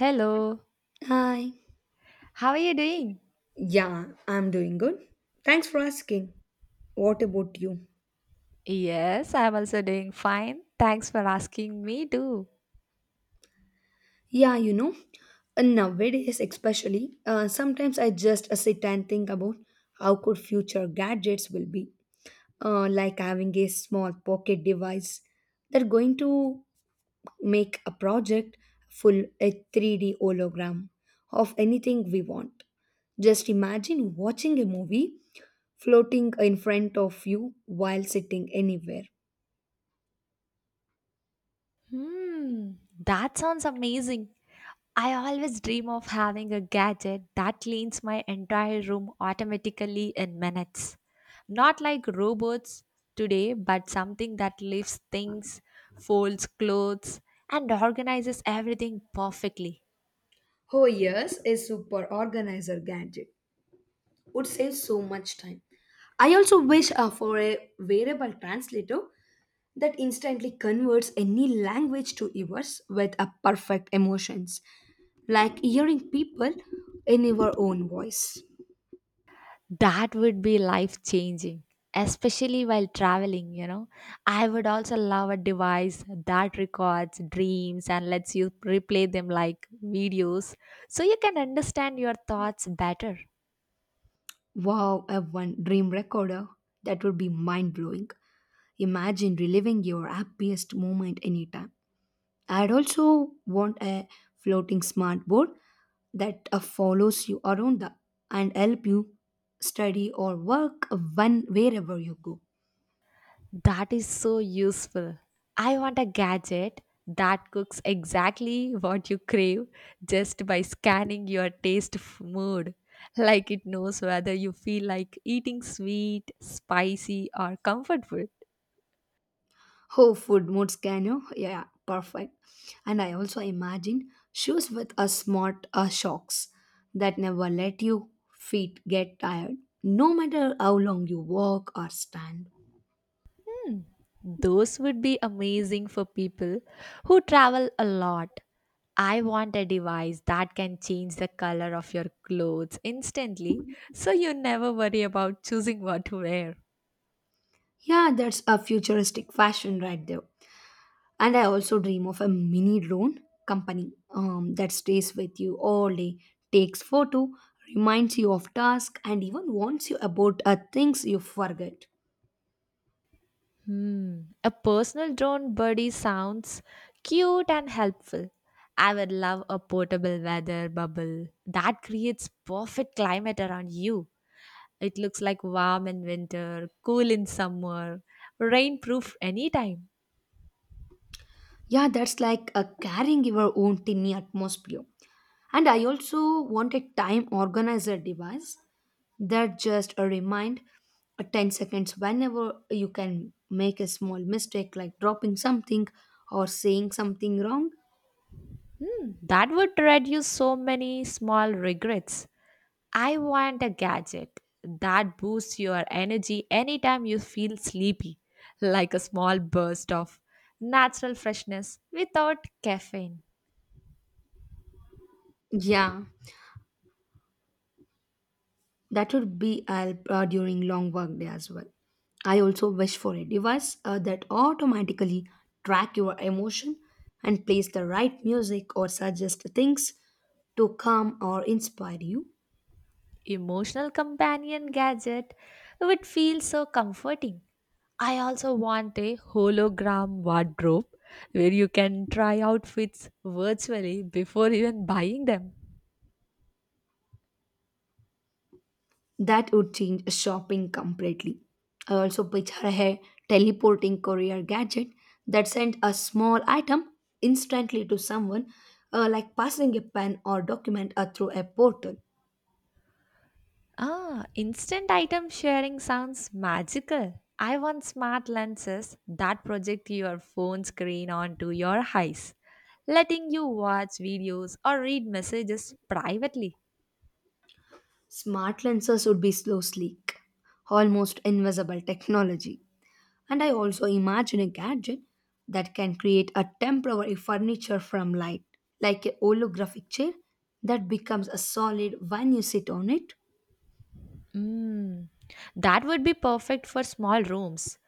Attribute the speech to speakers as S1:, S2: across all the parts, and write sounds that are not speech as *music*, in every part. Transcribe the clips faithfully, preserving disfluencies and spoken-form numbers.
S1: Hello.
S2: Hi.
S1: How are you doing?
S2: Yeah, I'm doing good. Thanks for asking. What about you?
S1: Yes, I'm also doing fine. Thanks for asking me too.
S2: Yeah, you know, uh, Nowadays especially, uh, sometimes I just uh, sit and think about how could future gadgets will be, uh, like having a small pocket device that going to make a project full a three D hologram of anything we want. Just imagine watching a movie floating in front of you while sitting anywhere.
S1: Hmm, that sounds amazing. I always dream of having a gadget that cleans my entire room automatically in minutes. Not like robots today, but something that lifts things, folds clothes, and organizes everything perfectly.
S2: Oh yes, a super organizer gadget would save so much time. I also wish uh, for a variable translator that instantly converts any language to yours with a perfect emotions, like hearing people in your own voice.
S1: That would be life changing, especially while traveling, you know. I would also love a device that records dreams and lets you replay them like videos so you can understand your thoughts better.
S2: Wow, a one dream recorder, that would be mind blowing. Imagine reliving your happiest moment anytime. I'd also want a floating smart board that uh, follows you around the, and help you study or work when wherever you go.
S1: That is so useful. I want a gadget that cooks exactly what you crave just by scanning your taste f- mood. Like it knows whether you feel like eating sweet, spicy, or comfort food.
S2: Oh, food mode scanner. Yeah, perfect. And I also imagine shoes with a smart uh, shocks that never let you feet get tired, no matter how long you walk or stand.
S1: Those would be amazing for people who travel a lot. I want a device that can change the color of your clothes instantly so you never worry about choosing what to wear.
S2: Yeah, that's a futuristic fashion right there. And I also dream of a mini drone company um, that stays with you all day, takes photo, reminds you of task, and even warns you about uh, things you forget.
S1: Hmm, a personal drone buddy sounds cute and helpful. I would love a portable weather bubble that creates perfect climate around you. It looks like warm in winter, cool in summer, rainproof anytime.
S2: Yeah, that's like uh, carrying your own tiny atmosphere. And I also want a time organizer device that just a remind uh, ten seconds whenever you can make a small mistake like dropping something or saying something wrong.
S1: That would reduce so many small regrets. I want a gadget that boosts your energy anytime you feel sleepy, like a small burst of natural freshness without caffeine.
S2: Yeah. That would be help uh, during long work day as well. I also wish for a device uh, that automatically track your emotion and plays the right music or suggest things to calm or inspire you.
S1: Emotional companion gadget would feel so comforting. I also want a hologram wardrobe where you can try outfits virtually before even buying them.
S2: That would change shopping completely. I also picture a teleporting courier gadget that sent a small item instantly to someone, uh, like passing a pen or document uh, through a portal.
S1: Ah, instant item sharing sounds magical. I want smart lenses that project your phone screen onto your eyes, letting you watch videos or read messages privately.
S2: Smart lenses would be slow, sleek, almost invisible technology. And I also imagine a gadget that can create a temporary furniture from light, like a holographic chair that becomes a solid when you sit on it.
S1: Mm, that would be perfect for small rooms.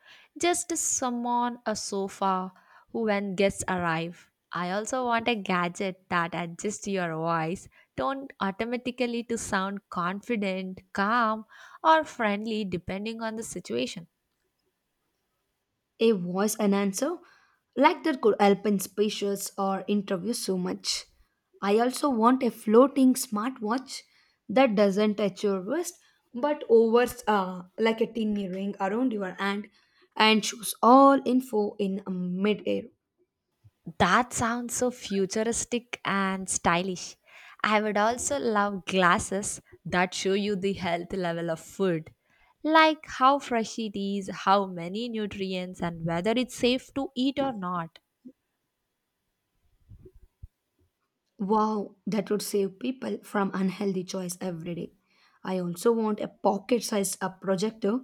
S1: Just someone, a sofa, who when guests arrive. I also want a gadget that adjusts your voice, tone automatically to sound confident, calm, or friendly depending on the situation.
S2: A voice and answer like that could help in speeches or interviews so much. I also want a floating smartwatch that doesn't touch your wrist but overs uh, like a tiny ring around your hand and shows all info in mid-air.
S1: That sounds so futuristic and stylish. I would also love glasses that show you the health level of food, like how fresh it is, how many nutrients, and whether it's safe to eat or not.
S2: Wow, that would save people from unhealthy choice every day. I also want a pocket-sized uh, projector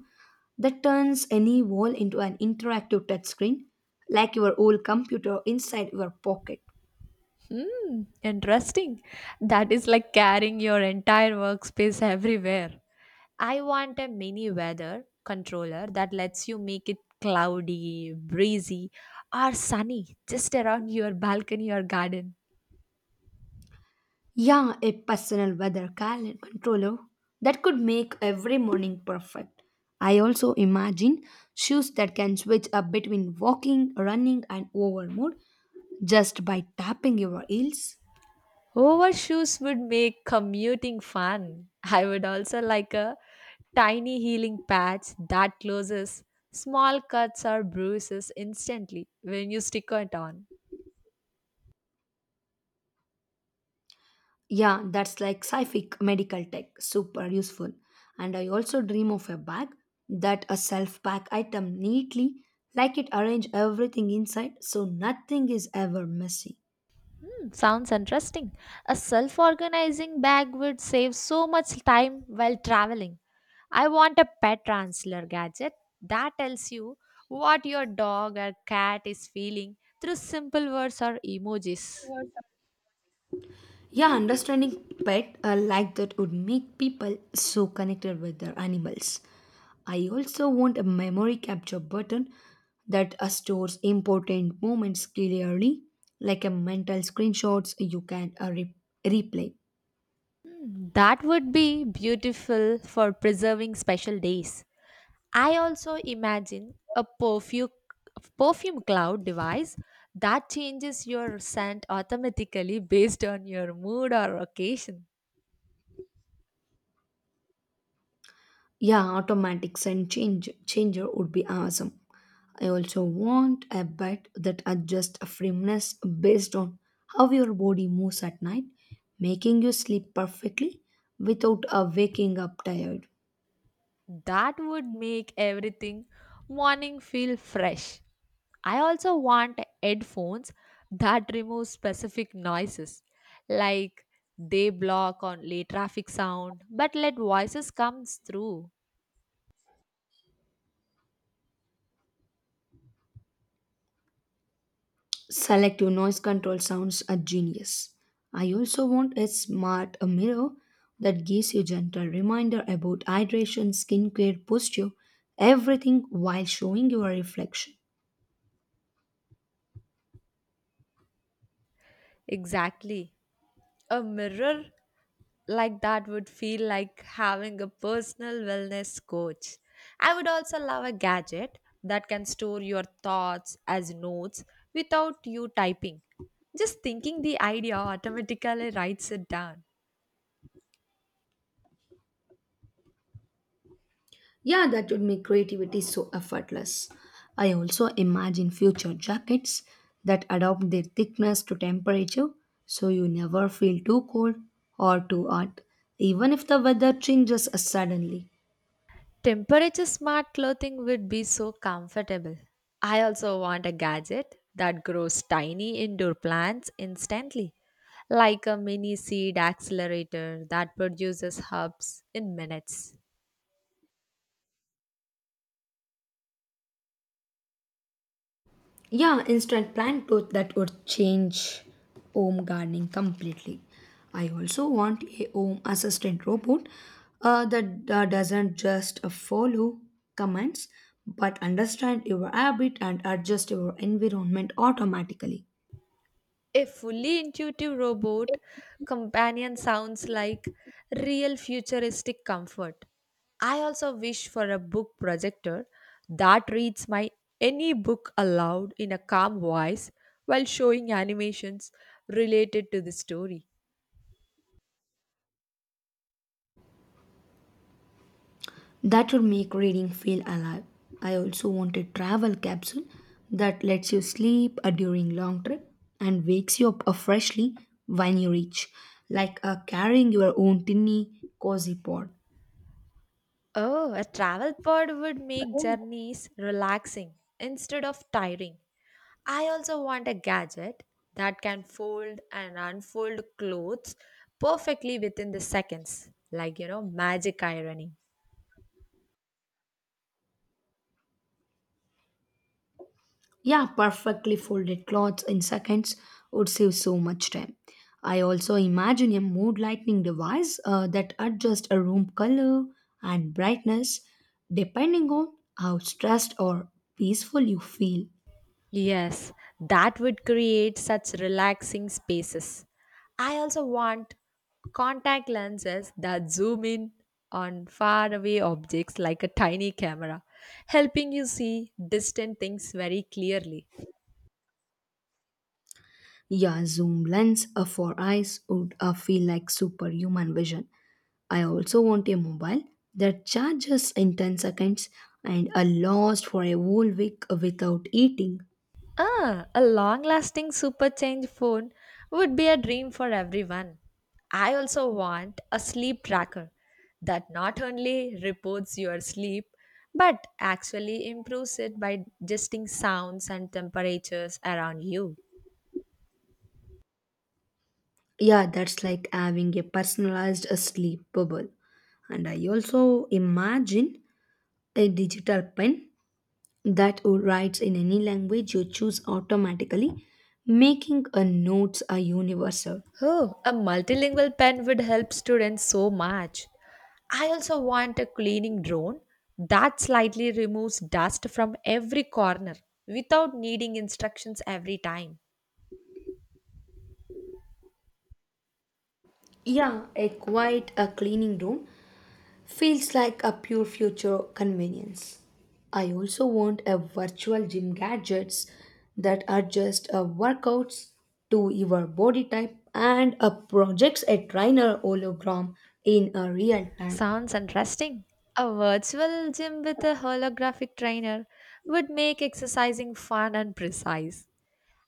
S2: that turns any wall into an interactive touchscreen, like your old computer inside your pocket.
S1: Interesting. That is like carrying your entire workspace everywhere. I want a mini weather controller that lets you make it cloudy, breezy, or sunny just around your balcony or garden.
S2: Yeah, a personal weather calendar controller that could make every morning perfect. I also imagine shoes that can switch up between walking, running, and over mode just by tapping your heels.
S1: Overshoes would make commuting fun. I would also like a tiny healing patch that closes small cuts or bruises instantly when you stick it on.
S2: Yeah, that's like scific medical tech, super useful. And I also dream of a bag that a self-pack item neatly, like it arrange everything inside so nothing is ever messy.
S1: Hmm, sounds interesting. A self organizing bag would save so much time while traveling. I want a pet transler gadget that tells you what your dog or cat is feeling through simple words or emojis.
S2: Yeah, understanding pet uh, like that would make people so connected with their animals. I also want a memory capture button that uh, stores important moments clearly, like a mental screenshots you can uh, re- replay.
S1: Hmm, that would be beautiful for preserving special days. I also imagine a perfume perfume cloud device that changes your scent automatically based on your mood or occasion.
S2: Yeah, automatics and change changer would be awesome. I also want a bed that adjusts firmness based on how your body moves at night, making you sleep perfectly without uh, waking up tired.
S1: That would make everything morning feel fresh. I also want headphones that remove specific noises, like they block only traffic sound but let voices comes through.
S2: Selective noise control sounds a genius. I also want a smart mirror that gives you gentle reminder about hydration, skincare, posture, everything while showing your reflection.
S1: Exactly. A mirror like that would feel like having a personal wellness coach. I would also love a gadget that can store your thoughts as notes without you typing. Just thinking the idea automatically writes it down.
S2: Yeah, that would make creativity so effortless. I also imagine future jackets that adapt their thickness to temperature so you never feel too cold or too hot, even if the weather changes suddenly.
S1: Temperature smart clothing would be so comfortable. I also want a gadget that grows tiny indoor plants instantly, like a mini seed accelerator that produces herbs in minutes.
S2: Yeah, instant plant growth, that would change home gardening completely. I also want a home assistant robot uh, that uh, doesn't just uh, follow commands but understand your habit and adjust your environment automatically.
S1: A fully intuitive robot companion sounds like real futuristic comfort. I also wish for a book projector that reads my any book aloud in a calm voice while showing animations related to the story.
S2: That would make reading feel alive. I also want a travel capsule that lets you sleep uh, during long trip and wakes you up uh, freshly when you reach, like uh, carrying your own tiny cozy pod.
S1: Oh, a travel pod would make journeys relaxing instead of tiring. I also want a gadget that can fold and unfold clothes perfectly within the seconds, like you know, magic ironing.
S2: Yeah, perfectly folded clothes in seconds would save so much time. I also imagine a mood lighting device uh, that adjusts a room color and brightness depending on how stressed or peaceful you feel.
S1: Yes, that would create such relaxing spaces. I also want contact lenses that zoom in on faraway objects like a tiny camera, helping you see distant things very clearly.
S2: Yeah, zoom lens uh, for eyes would uh, feel like superhuman vision. I also want a mobile that charges in ten seconds and a lost for a whole week without eating.
S1: Ah, a long lasting super change phone would be a dream for everyone. I also want a sleep tracker that not only reports your sleep but actually improves it by adjusting sounds and temperatures around you.
S2: Yeah, that's like having a personalized uh, sleep bubble. And I also imagine a digital pen that would write in any language you choose automatically, making a notes a universal.
S1: Oh, a multilingual pen would help students so much. I also want a cleaning drone that slightly removes dust from every corner without needing instructions every time.
S2: Yeah, a quiet a cleaning room feels like a pure future convenience. I also want a virtual gym gadgets that adjust uh, workouts to your body type and uh, projects a trainer hologram in a real time.
S1: Sounds interesting. A virtual gym with a holographic trainer would make exercising fun and precise.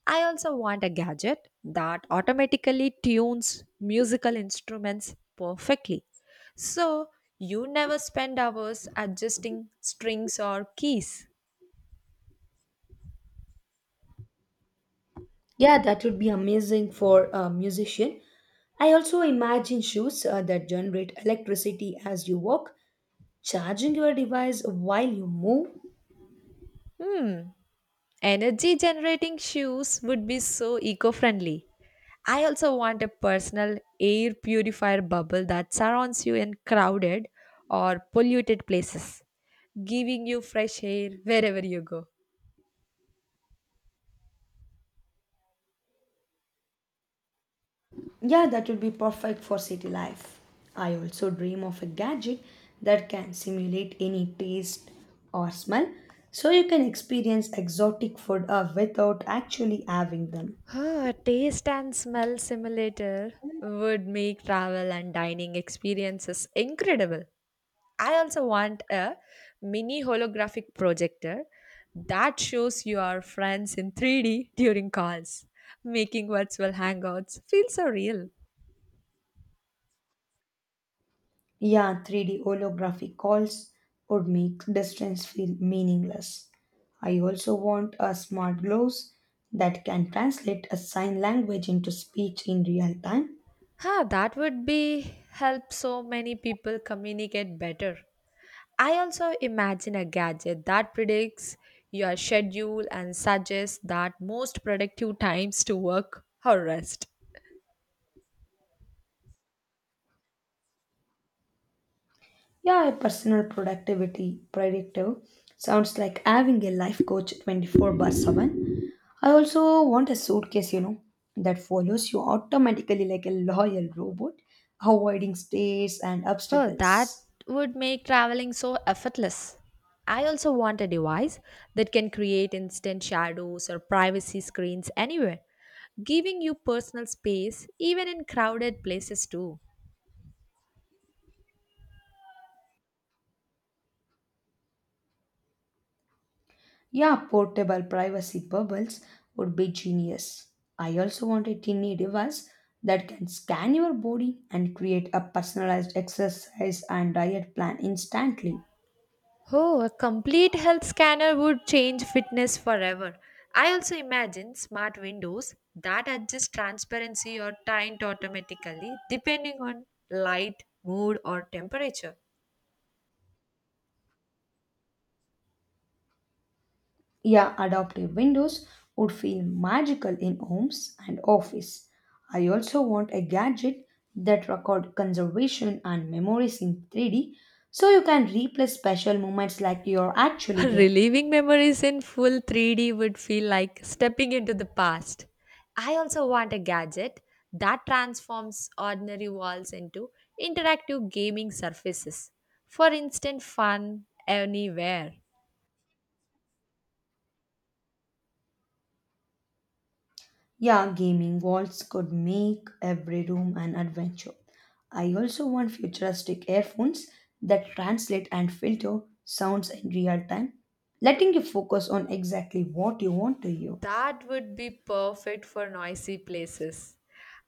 S1: I also want a gadget that automatically tunes musical instruments perfectly. So you never spend hours adjusting strings or keys.
S2: Yeah, that would be amazing for a musician. I also imagine shoes uh, that generate electricity as you walk, charging your device while you move.
S1: Hmm, energy generating shoes would be so eco friendly. I also want a personal air purifier bubble that surrounds you in crowded or polluted places, giving you fresh air wherever you go.
S2: Yeah, that would be perfect for city life. I also dream of a gadget that can simulate any taste or smell so you can experience exotic food uh, without actually having them.
S1: Ah, taste and smell simulator would make travel and dining experiences incredible. I also want a mini holographic projector that shows your friends in three D during calls, making virtual hangouts feel so real.
S2: Yeah, three D holographic calls would make distance feel meaningless. I also want a smart gloves that can translate a sign language into speech in real time.
S1: Huh, that would be help so many people communicate better. I also imagine a gadget that predicts your schedule and suggests that most productive times to work or rest.
S2: Yeah, a personal productivity predictor sounds like having a life coach twenty-four by seven. I also want a suitcase, you know, that follows you automatically like a loyal robot, avoiding stares and
S1: Oh, that
S2: obstacles.
S1: would make traveling so effortless. I also want a device that can create instant shadows or privacy screens anywhere, giving you personal space even in crowded places too.
S2: Yeah, portable privacy bubbles would be genius. I also want a tiny device that can scan your body and create a personalized exercise and diet plan instantly.
S1: Oh, a complete health scanner would change fitness forever. I also imagine smart windows that adjust transparency or tint automatically depending on light, mood, or temperature.
S2: Yeah, adaptive windows would feel magical in homes and office. I also want a gadget that record conservation and memories in three D so you can replay special moments like you're
S1: *laughs*
S2: actually there.
S1: Reliving memories in full three D would feel like stepping into the past. I also want a gadget that transforms ordinary walls into interactive gaming surfaces for instant fun anywhere.
S2: Yeah, gaming walls could make every room an adventure. I also want futuristic earphones that translate and filter sounds in real time, letting you focus on exactly what you want to hear.
S1: That would be perfect for noisy places.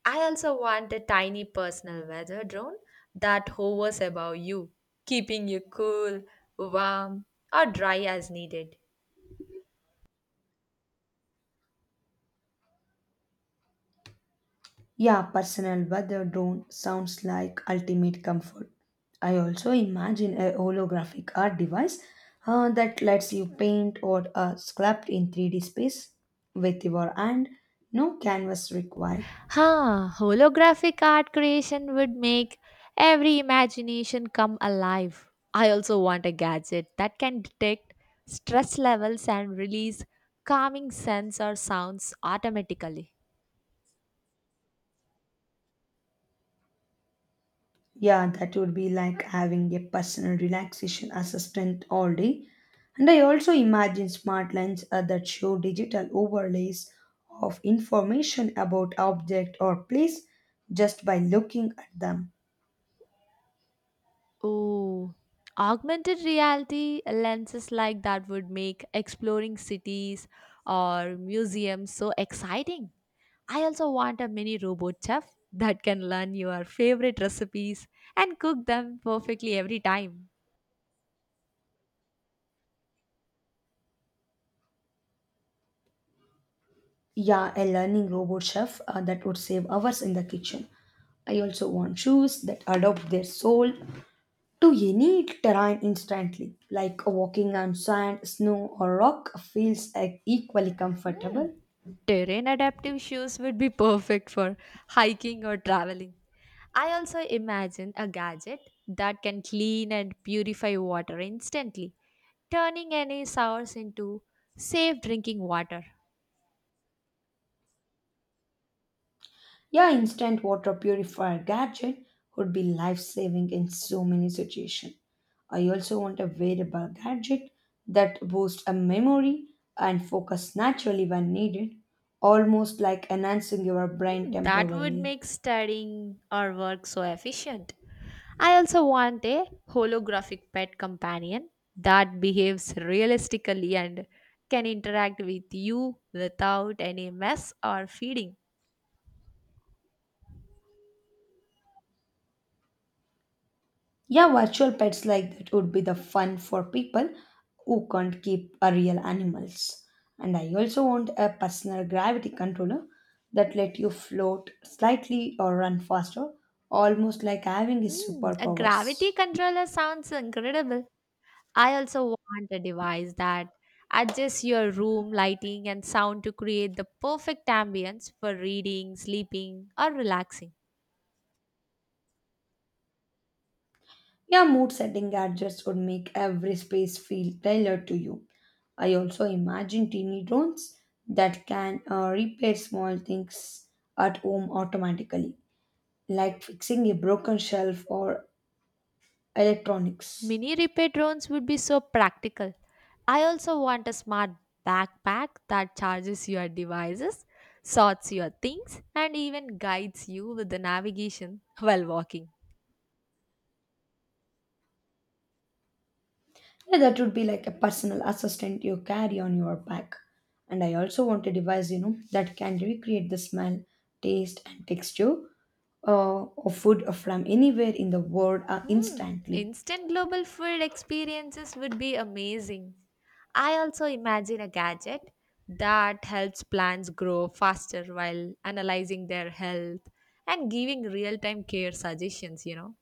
S1: I also want a tiny personal weather drone that hovers above you, keeping you cool, warm, or dry as needed.
S2: Yeah, personal weather drone sounds like ultimate comfort. I also imagine a holographic art device uh, that lets you paint or uh, sculpt in three D space with your hand, no canvas required.
S1: Huh, holographic art creation would make every imagination come alive. I also want a gadget that can detect stress levels and release calming scents or sounds automatically.
S2: Yeah, that would be like having a personal relaxation assistant all day. And I also imagine smart lens uh, that show digital overlays of information about object or place just by looking at them.
S1: Oh, augmented reality lenses like that would make exploring cities or museums so exciting. I also want a mini robot chef that can learn your favorite recipes and cook them perfectly every time.
S2: Yeah, a learning robot chef uh, that would save hours in the kitchen. I also want shoes that adapt their soul to any terrain instantly, like walking on sand, snow, or rock feels like equally
S1: Hmm.
S2: comfortable.
S1: Terrain adaptive shoes would be perfect for hiking or traveling. I also imagine a gadget that can clean and purify water instantly, turning any source into safe drinking water.
S2: Yeah, instant water purifier gadget would be life saving in so many situations. I also want a wearable gadget that boosts a memory and focus naturally when needed, almost like enhancing your brain
S1: Hmm, that would
S2: temporarily.
S1: make studying or work so efficient. I also want a holographic pet companion that behaves realistically and can interact with you without any mess or feeding.
S2: Yeah, virtual pets like that would be the fun for people who can't keep a real animals. And I also want a personal gravity controller that let you float slightly or run faster, almost like having his
S1: Mm, a gravity
S2: superpowers.
S1: controller sounds incredible. I also want a device that adjusts your room lighting and sound to create the perfect ambience for reading, sleeping, or relaxing.
S2: Yeah, mood setting gadgets would make every space feel tailored to you. I also imagine teeny drones that can uh, repair small things at home automatically, like fixing a broken shelf or electronics.
S1: Mini repair drones would be so practical. I also want a smart backpack that charges your devices, sorts your things, and even guides you with the navigation *laughs* while walking.
S2: Yeah, that would be like a personal assistant you carry on your back. And I also want a device, you know, that can recreate the smell, taste, and texture uh, of food from anywhere in the world uh,
S1: Hmm,
S2: instantly.
S1: instant global food experiences would be amazing. I also imagine a gadget that helps plants grow faster while analyzing their health and giving real time care suggestions, you know.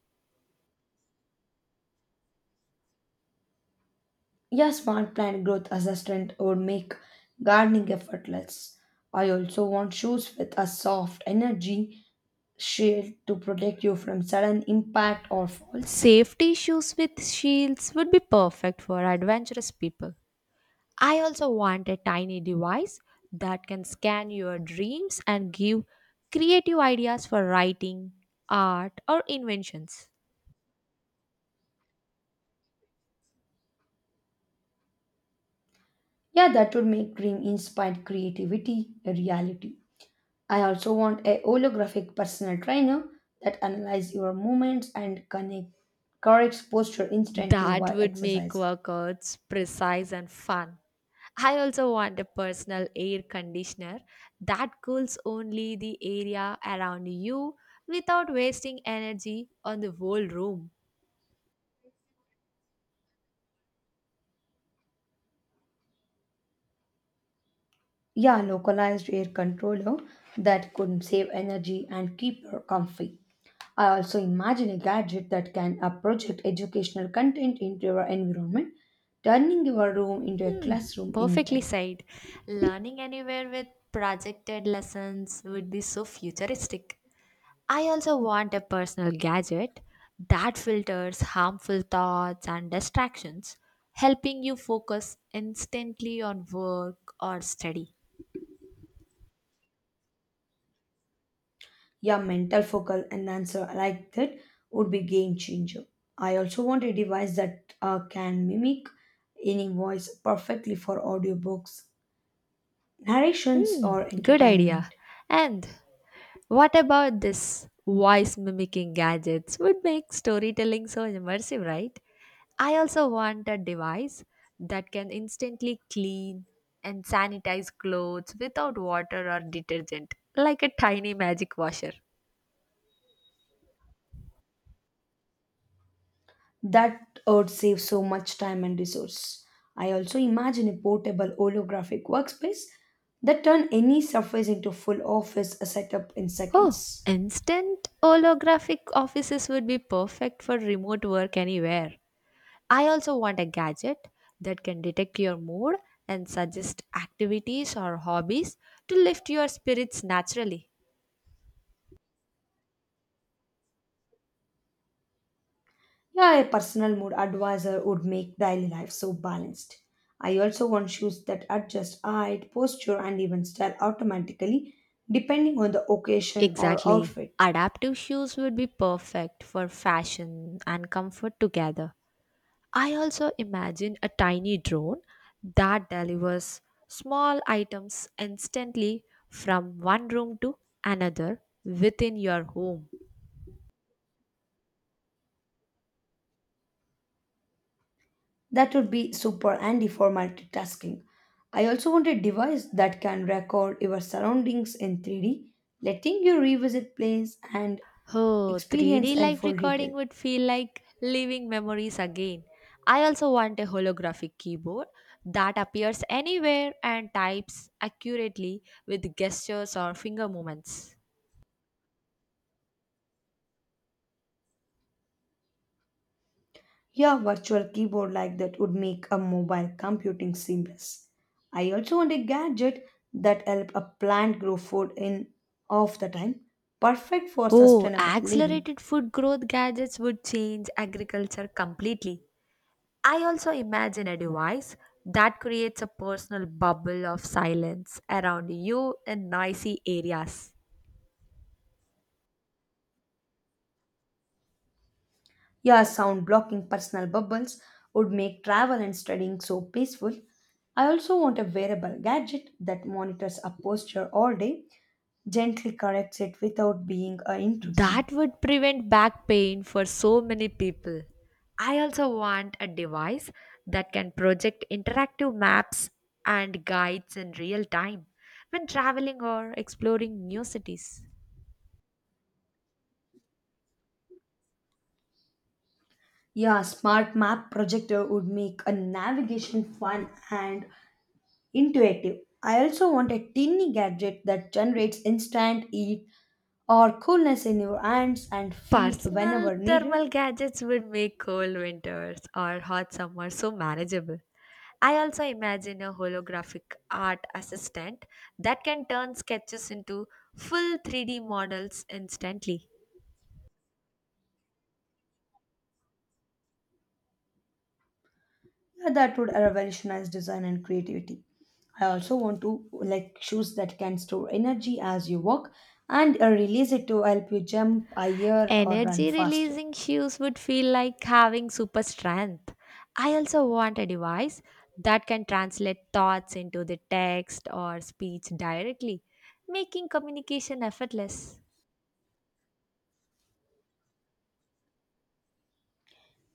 S2: Yeah, smart plant growth assistant would make gardening effortless. I also want shoes with a soft energy shield to protect you from sudden impact or falls.
S1: Safety shoes with shields would be perfect for adventurous people. I also want a tiny device that can scan your dreams and give creative ideas for writing, art, or inventions.
S2: Yeah, that would make dream inspired creativity a reality. I also want a holographic personal trainer that analyzes your movements and connect, corrects posture instantly
S1: That
S2: while
S1: would make
S2: exercising.
S1: workouts precise and fun. I also want a personal air conditioner that cools only the area around you without wasting energy on the whole room.
S2: Yeah, localized air controller that could save energy and keep you comfy. I also imagine a gadget that can uh, project educational content into your environment, turning your room into a
S1: Hmm,
S2: classroom
S1: perfectly
S2: anytime.
S1: said. Learning anywhere with projected lessons would be so futuristic. I also want a personal gadget that filters harmful thoughts and distractions, helping you focus instantly on work or study.
S2: Yeah, mental focal and answer like that would be game changer. I also want a device that uh, can mimic any voice perfectly for audiobooks, narrations, or
S1: Mm, good idea.
S2: entertainment.
S1: And what about this voice mimicking gadgets would make storytelling so immersive, right? I also want a device that can instantly clean and sanitize clothes without water or detergent, like a tiny magic washer.
S2: That would save so much time and resource. I also imagine a portable holographic workspace that turn any surface into full office setup in
S1: Oh,
S2: seconds.
S1: instant holographic offices would be perfect for remote work anywhere. I also want a gadget that can detect your mood and suggest activities or hobbies to lift your spirits naturally.
S2: Yeah, a personal mood advisor would make daily life so balanced. I also want shoes that adjust height, posture, and even style automatically depending on the occasion or
S1: Exactly.
S2: outfit.
S1: Adaptive shoes would be perfect for fashion and comfort together. I also imagine a tiny drone that delivers small items instantly from one room to another within your home.
S2: That would be super handy for multitasking. I also want a device that can record your surroundings in three D, letting you revisit place and
S1: Oh,
S2: experience
S1: three D
S2: in
S1: live
S2: full detail.
S1: recording would feel like living memories again. I also want a holographic keyboard that appears anywhere and types accurately with gestures or finger movements.
S2: Yeah, virtual keyboard like that would make a mobile computing seamless. I also want a gadget that help a plant grow food in half the time, perfect for
S1: Oh,
S2: sustainable living.
S1: accelerated food growth gadgets would change agriculture completely. I also imagine a device that creates a personal bubble of silence around you in noisy areas.
S2: Yeah, sound blocking personal bubbles would make travel and studying so peaceful. I also want a wearable gadget that monitors a posture all day, gently corrects it without being uh, intrusive.
S1: That would prevent back pain for so many people. I also want a device that can project interactive maps and guides in real time when traveling or exploring new cities.
S2: Yeah, smart map projector would make a navigation fun and intuitive. I also want a tiny gadget that generates instant heat or coolness in your hands and feet
S1: Personal
S2: whenever needed.
S1: thermal gadgets would make cold winters or hot summers so manageable. I also imagine a holographic art assistant that can turn sketches into full three D models instantly.
S2: Yeah, that would revolutionize design and creativity. I also want to like shoes that can store energy as you walk and uh, release it to help you jump higher or run
S1: Energy
S2: faster.
S1: releasing hues would feel like having super strength. I also want a device that can translate thoughts into the text or speech directly, making communication effortless.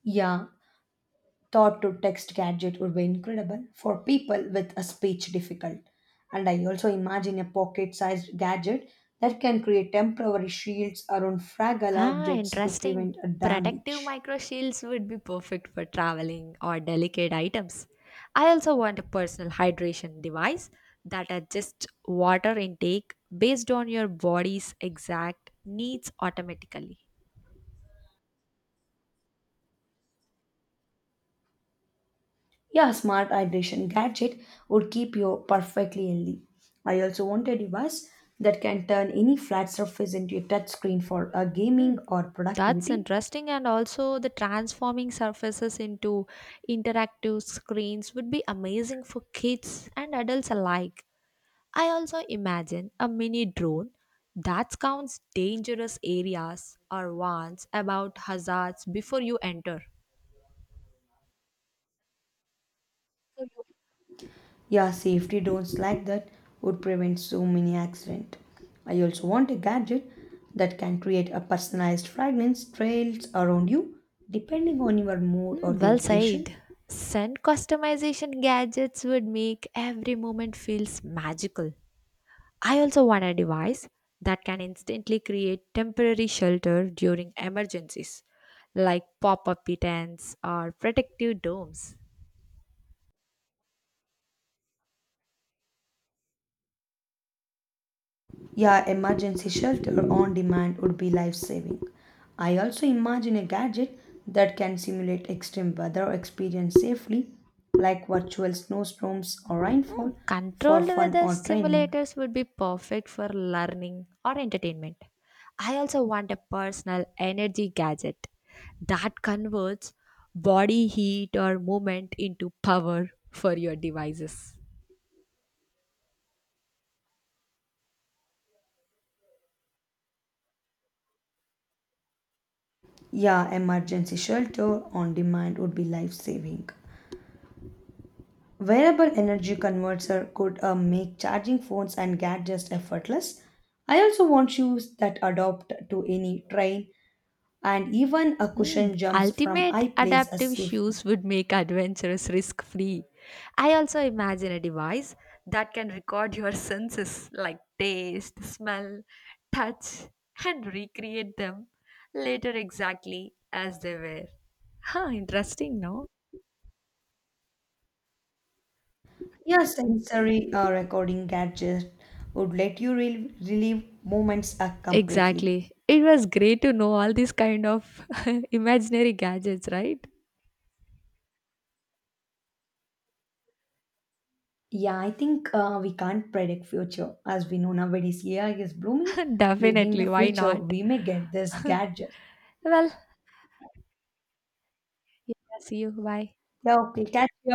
S2: Yeah, thought to text gadget would be incredible for people with a speech difficult. And I also imagine a pocket sized gadget that can create temporary shields around fragile
S1: Ah,
S2: objects to
S1: interesting.
S2: prevent a
S1: Protective
S2: damage.
S1: micro shields would be perfect for traveling or delicate items. I also want a personal hydration device that adjusts water intake based on your body's exact needs automatically.
S2: Yeah, smart hydration gadget would keep you perfectly healthy. I also want a device that can turn any flat surface into a touchscreen for a
S1: Hmm,
S2: gaming or
S1: that's
S2: productivity.
S1: interesting, and also the transforming surfaces into interactive screens would be amazing for kids and adults alike. I also imagine a mini drone that scans dangerous areas or warns about hazards before you enter.
S2: Yeah, safety doors like that would prevent so many accidents. I also want a gadget that can create a personalized fragrance trails around you depending on your mood or
S1: Hmm,
S2: the
S1: well
S2: occasion.
S1: said. Send customization gadgets would make every moment feels magical. I also want a device that can instantly create temporary shelter during emergencies, like pop-up tents or protective domes.
S2: Yeah, emergency shelter on demand would be life saving. I also imagine a gadget that can simulate extreme weather experience safely, like virtual snowstorms or
S1: Hmm,
S2: rainfall, for
S1: controlled
S2: fun
S1: weather
S2: or training.
S1: simulators would be perfect for learning or entertainment. I also want a personal energy gadget that converts body heat or movement into power for your devices.
S2: Yeah, emergency shelter on demand would be life saving. Wearable energy converter could uh, make charging phones and gadgets effortless. I also want shoes that adapt to any train and even a
S1: Hmm,
S2: cushion jumps from
S1: ultimate
S2: high places
S1: adaptive
S2: safely.
S1: shoes would make adventurous risk free. I also imagine a device that can record your senses like taste, smell, touch, and recreate them later exactly as they were. Huh, interesting, no?
S2: Yeah, sensory uh, recording gadget would let you re- relive moments uh, completely.
S1: Exactly. It was great to know all these kind of *laughs* imaginary gadgets, right?
S2: Yeah, I think uh, we can't predict future. As we know nowadays, A I is blooming.
S1: *laughs*
S2: Maybe in the
S1: Definitely. Why
S2: future
S1: not?
S2: we may get this gadget.
S1: Well, yeah, see you. Bye.
S2: Yeah, okay, catch you